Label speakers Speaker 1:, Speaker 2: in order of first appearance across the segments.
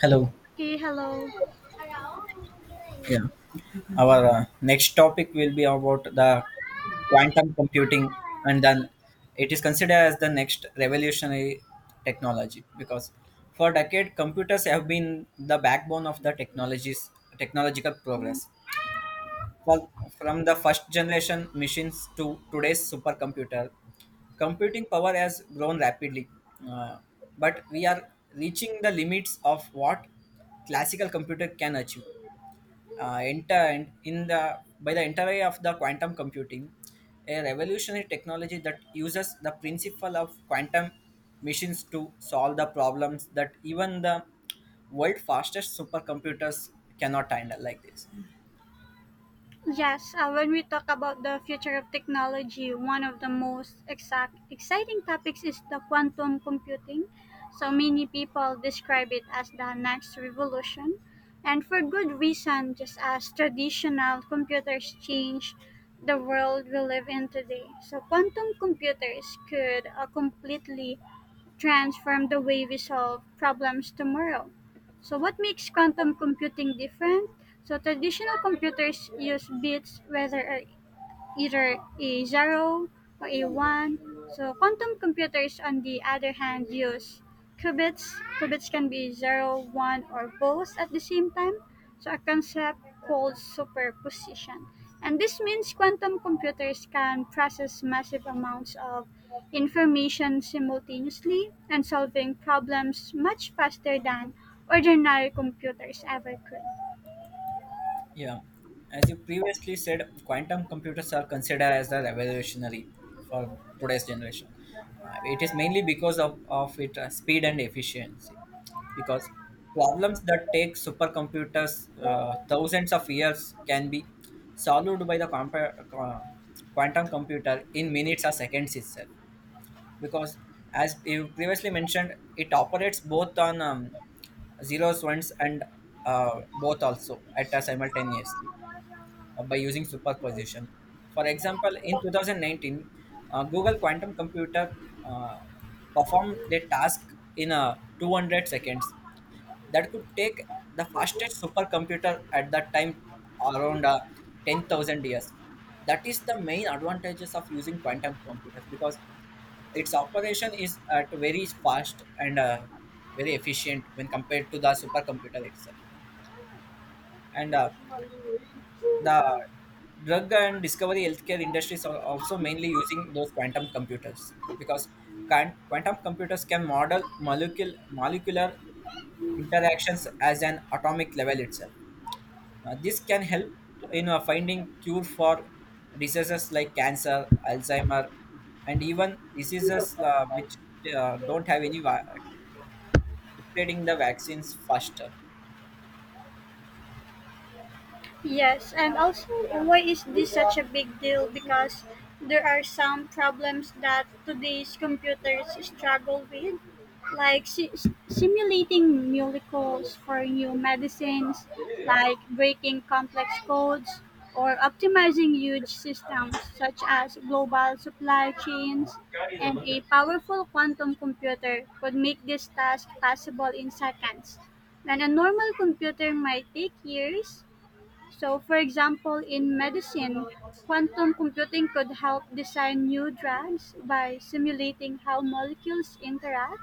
Speaker 1: Hello.
Speaker 2: Okay, hello.
Speaker 1: Yeah. Our next topic will be about the quantum computing, and then it is considered as the next revolutionary technology because for decade computers have been the backbone of the technologies technological progress. For, from the first generation machines to today's supercomputer, computing power has grown rapidly, uh, but we are reaching the limits of what classical computer can achieve. Enter in the by the entry of the quantum computing, a revolutionary technology that uses the principle of quantum machines to solve the problems that even the world fastest supercomputers cannot handle like this.
Speaker 2: Yes, when we talk about the future of technology, one of the most exact exciting topics is the quantum computing. So many people describe it as the next revolution, and for good reason. Just as traditional computers change the world we live in today, so quantum computers could completely transform the way we solve problems tomorrow. So what makes quantum computing different? So traditional computers use bits, whether either a 0 or a 1. So quantum computers, on the other hand, use qubits. Qubits can be zero, one, or both at the same time. So a concept called superposition. And this means quantum computers can process massive amounts of information simultaneously and solving problems much faster than ordinary computers ever could.
Speaker 1: Yeah, as you previously said, quantum computers are considered as the revolutionary for today's generation. It is mainly because of its speed and efficiency. Because problems that take supercomputers thousands of years can be solved by the quantum computer in minutes or seconds itself, because as you previously mentioned it operates both on zeros ones and both also at a simultaneously by using superposition. For example, in 2019, google quantum computer uh, performed the task in 200 seconds that could take the fastest supercomputer at that time around 10,000 years. That is the main advantages of using quantum computers because its operation is at very fast and very efficient when compared to the supercomputer itself. And the drug and discovery healthcare industries are also mainly using those quantum computers, because quantum computers can model molecular interactions as an atomic level itself. This can help in finding cure for diseases like cancer, Alzheimer, and even diseases which don't have any degrading the vaccines faster.
Speaker 2: Yes, and also, why is this such a big deal? Because there are some problems that today's computers struggle with, like simulating molecules for new medicines,
Speaker 1: हाँ, ये रहेगा,
Speaker 2: like breaking complex codes, or optimizing huge systems such as global supply
Speaker 1: और
Speaker 2: chains.
Speaker 1: क्या ये
Speaker 2: And
Speaker 1: रहेगा?
Speaker 2: a powerful quantum computer could make this task possible in seconds. When a normal computer might take years, so, for example, in medicine, quantum computing could help design new drugs by simulating how molecules interact,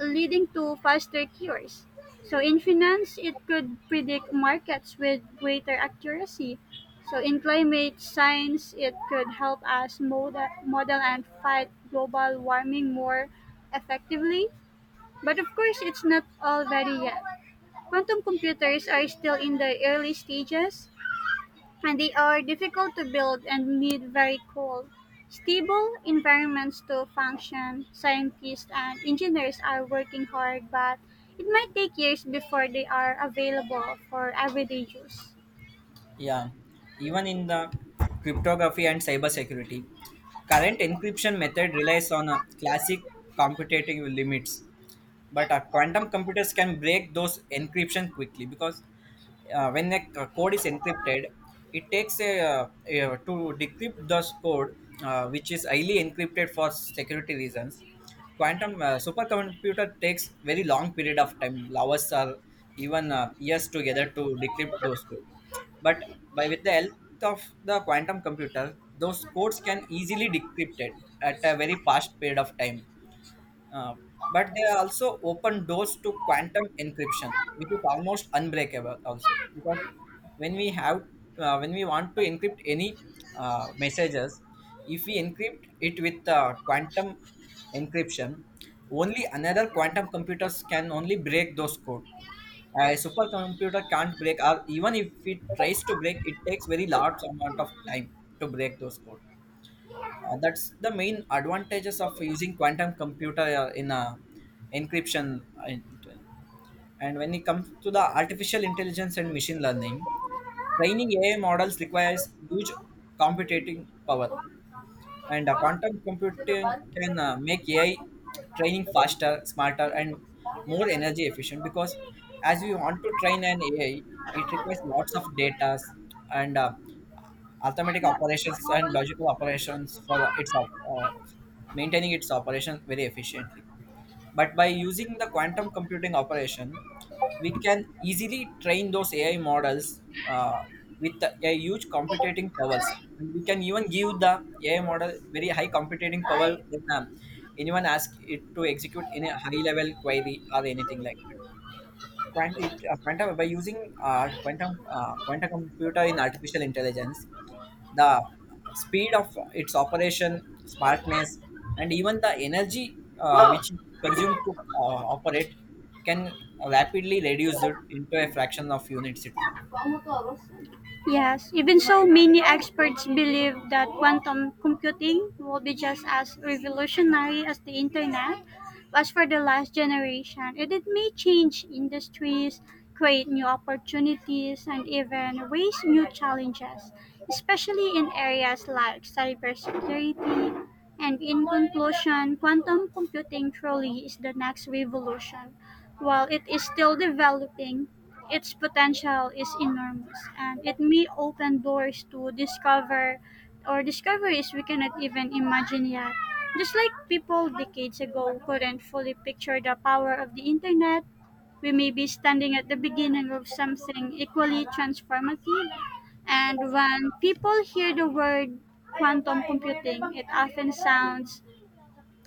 Speaker 2: leading to faster cures. So, in finance, it could predict markets with greater accuracy. So, in climate science, it could help us model and fight global warming more effectively. But of course, it's not all ready yet. Quantum computers are still in the early stages, and they are difficult to build and need very cool, stable environments to function. Scientists and engineers are working hard, but it might take years before they are available for everyday use.
Speaker 1: Yeah, even in the cryptography and cybersecurity, current encryption method relies on a classic computative limits, but quantum computers can break those encryption quickly, because when a code is encrypted it takes to decrypt this code, which is highly encrypted for security reasons, quantum supercomputer takes very long period of time, hours or even years together, to decrypt those codes. But by with the help of the quantum computer those codes can easily decrypted at a very fast period of time. uh, but they also open doors to quantum encryption, which is almost unbreakable, also because when we have when we want to encrypt any messages, if we encrypt it with quantum encryption, only another quantum computers can only break those code. A supercomputer can't break, or even if it tries to break, it takes very large amount of time to break those code. That's the main advantages of using quantum computer in encryption. And when it comes to the artificial intelligence and machine learning, training AI models requires huge computing power, and quantum computing can make ai training faster smarter and more energy efficient, because as we want to train an ai it requires lots of data and automatic operations and logical operations for its maintaining its operation very efficiently. But by using the quantum computing operation, we can easily train those AI models with a huge computing powers. And we can even give the AI model very high computing power when anyone asks it to execute in a high level query or anything like that. Quantum by using uh, quantum computer in artificial intelligence, the speed of its operation smartness, and even the energy which it consumed to operate, can rapidly reduce it into a fraction of units itself.
Speaker 2: Yes, even so, many experts believe that quantum computing will be just as revolutionary as the internet was for the last generation, and it may change industries, create new opportunities, and even raise new challenges, especially in areas like cybersecurity. And in conclusion, quantum computing truly is the next revolution. While it is still developing, its potential is enormous and it may open doors to discoveries we cannot even imagine yet. Just like people decades ago couldn't fully picture the power of the internet, we may be standing at the beginning of something equally transformative. And when people hear the word quantum computing, it often sounds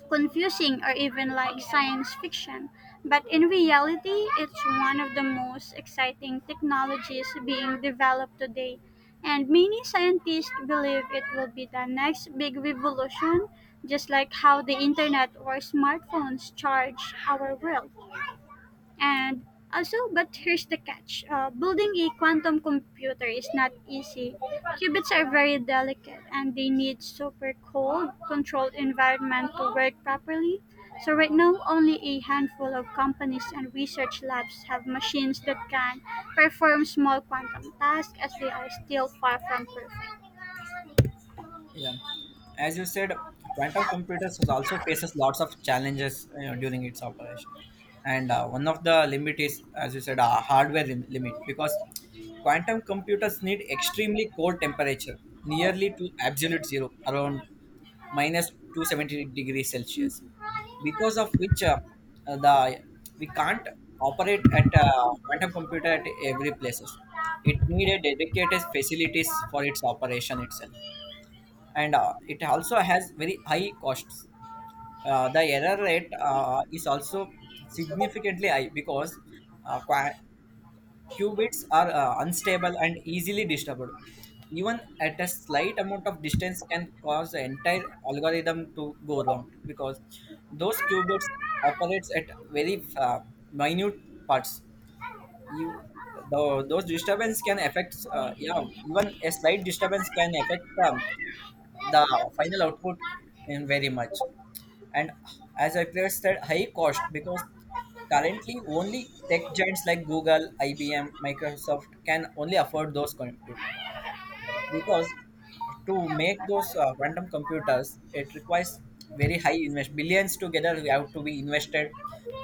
Speaker 2: confusing or even like science fiction, but in reality, it's one of the most exciting technologies being developed today. And many scientists believe it will be the next big revolution, just like how the internet or smartphones charge our world. And also, but here's the catch, building a quantum computer is not easy. Qubits are very delicate and they need super cold, controlled environment to work properly, so right now, only a handful of companies and research labs have machines that can perform small quantum tasks as they are still far from perfect.
Speaker 1: Yeah, as you said, quantum computers is also faces lots of challenges, you know, during its operation, and one of the limit is, as you said, a hardware limit, because quantum computers need extremely cold temperature, nearly to absolute zero, around minus 270 degrees Celsius,
Speaker 2: Hmm.
Speaker 1: because of which the we can't operate at quantum computer at every places. It needed dedicated facilities for its operation itself, and it also has very high costs. The error rate is also significantly high, because uh, qua- qubits are unstable and easily disturbed. Even at a slight amount of distance can cause the entire algorithm to go wrong because those qubits operates at very minute parts. You those disturbance can affect yeah, even a slight disturbance can affect the final output in very much. And as I previously said, high cost, because currently only tech giants like Google, IBM, Microsoft can only afford those computers, because to make those quantum computers it requires very high invest billions together we have to be invested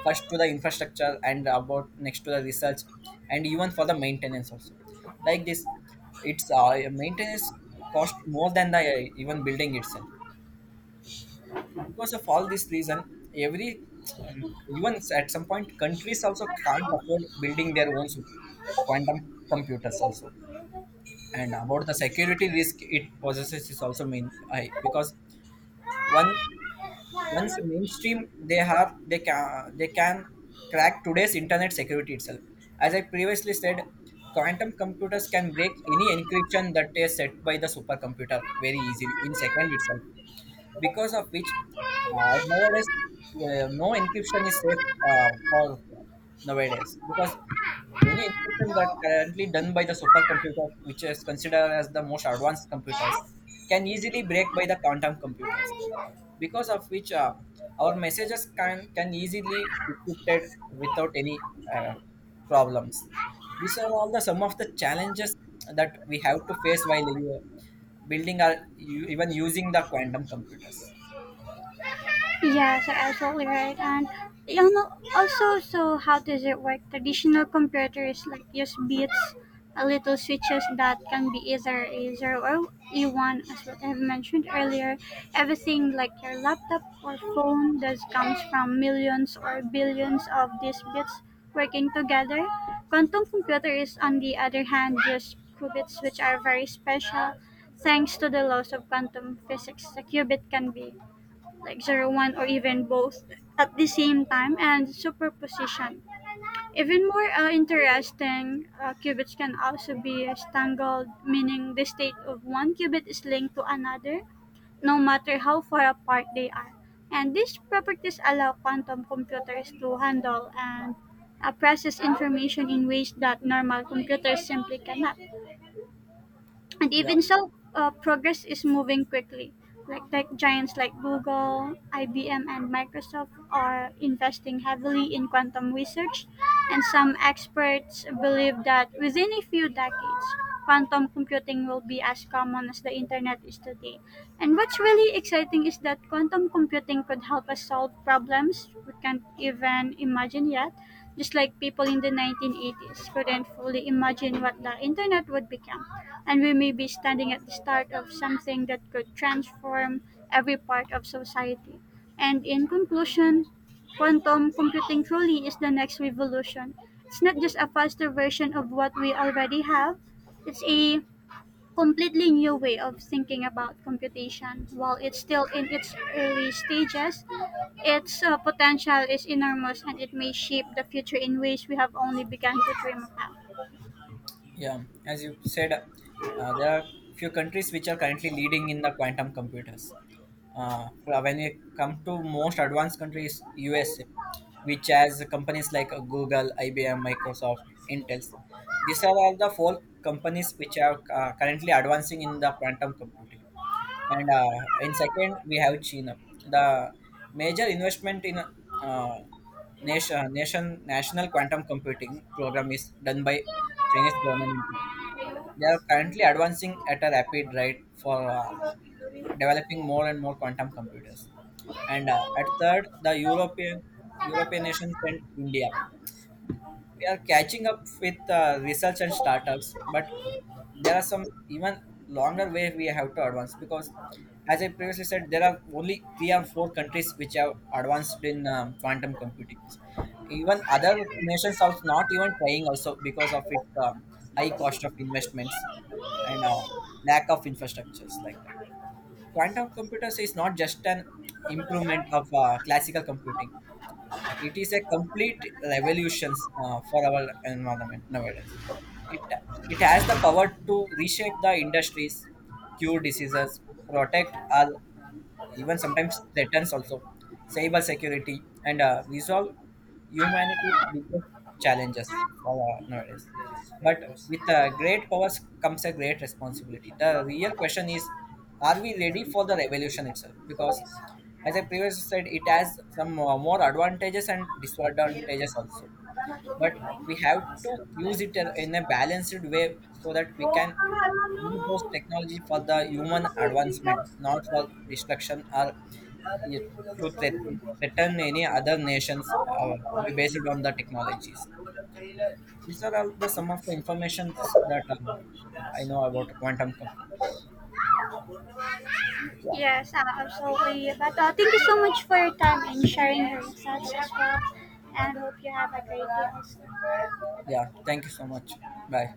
Speaker 1: first to the infrastructure and about next to the research and even for the maintenance also. Like this, it's maintenance cost more than the even building itself. Because of all this reason, every even at some point countries also can't afford building their own quantum computers also. And about the security risk it possesses is also main high, because one once mainstream they have they can crack today's internet security itself. As I previously said, quantum computers can break any encryption that is set by the supercomputer very easily in second itself, because of which nowadays no encryption is safe for nowadays, because any encryption that currently done by the supercomputer, which is considered as the most advanced computers, can easily break by the quantum computers. Because of which our messages can easily be encrypted without any uh, problems. These are all the some of the challenges that we have to face while you are building or you even using the quantum computers.
Speaker 2: Yes, you're absolutely right. And you know, also, so how does it work? Traditional computers like use bits, a little switches that can be either a zero or a one, as what I've mentioned earlier. Everything like your laptop or phone does comes from millions or billions of these bits working together. Quantum computers, on the other hand, use qubits, which are very special. Thanks to the laws of quantum physics, the qubit can be like 0 1 or even both at the same time and superposition. Even more interesting, qubits can also be stangled, meaning the state of one qubit is linked to another no matter how far apart they are. And these properties allow quantum computers to handle and process information in ways that normal computers simply cannot. And
Speaker 1: Yeah.
Speaker 2: even so, progress is moving quickly like tech giants like Google, IBM, and Microsoft are investing heavily in quantum research, and some experts believe that within a few decades quantum computing will be as common as the internet is today. And what's really exciting is that quantum computing could help us solve problems we can't even imagine yet, just like people in the 1980s couldn't fully imagine what the internet would become, and we may be standing at the start of something that could transform every part of society. And in conclusion, quantum computing truly is the next revolution. It's not just a faster version of what we already have, it's a completely new way of thinking about computation. While it's still in its early stages, its potential is enormous and it may shape the future in ways we have only begun to dream about.
Speaker 1: Yeah, as you said, there are few countries which are currently leading in the quantum computers. When you come to most advanced countries, USA, which has companies like Google, IBM, Microsoft, Intel. These are all the four companies which are currently advancing in the quantum computing. And in second we have China. The major investment in national quantum computing program is done by Chinese government. They are currently advancing at a rapid rate for developing more and more quantum computers. And at third, the European nations and India. We are catching up with research and startups, but there are some even longer way we have to advance, because as I previously said there are only three or four countries which have advanced in quantum computing. Even other nations are not even trying also because of its high cost of investments and lack of infrastructures like that. Quantum computers is not just an improvement of classical computing, it is a complete revolution for our environment nowadays. It, it has the power to reshape the industries, cure diseases, protect our, even sometimes threatens also cyber security, and these are humanity's biggest challenges for nowadays. But with great powers comes a great responsibility. The real question is, are we ready for the revolution itself? Because as I previously said it has some more advantages and disadvantages also, but we have to use it in a balanced way so that we can use those technology for the human advancement, not for destruction, or it- to threaten any other nations based on the technologies. These are all the some of the informations that I know about quantum computing. Yeah.
Speaker 2: Yes, so but thank you so much for your time and sharing your insights as well. And hope you have a great day.
Speaker 1: Yeah, thank you so much. Bye.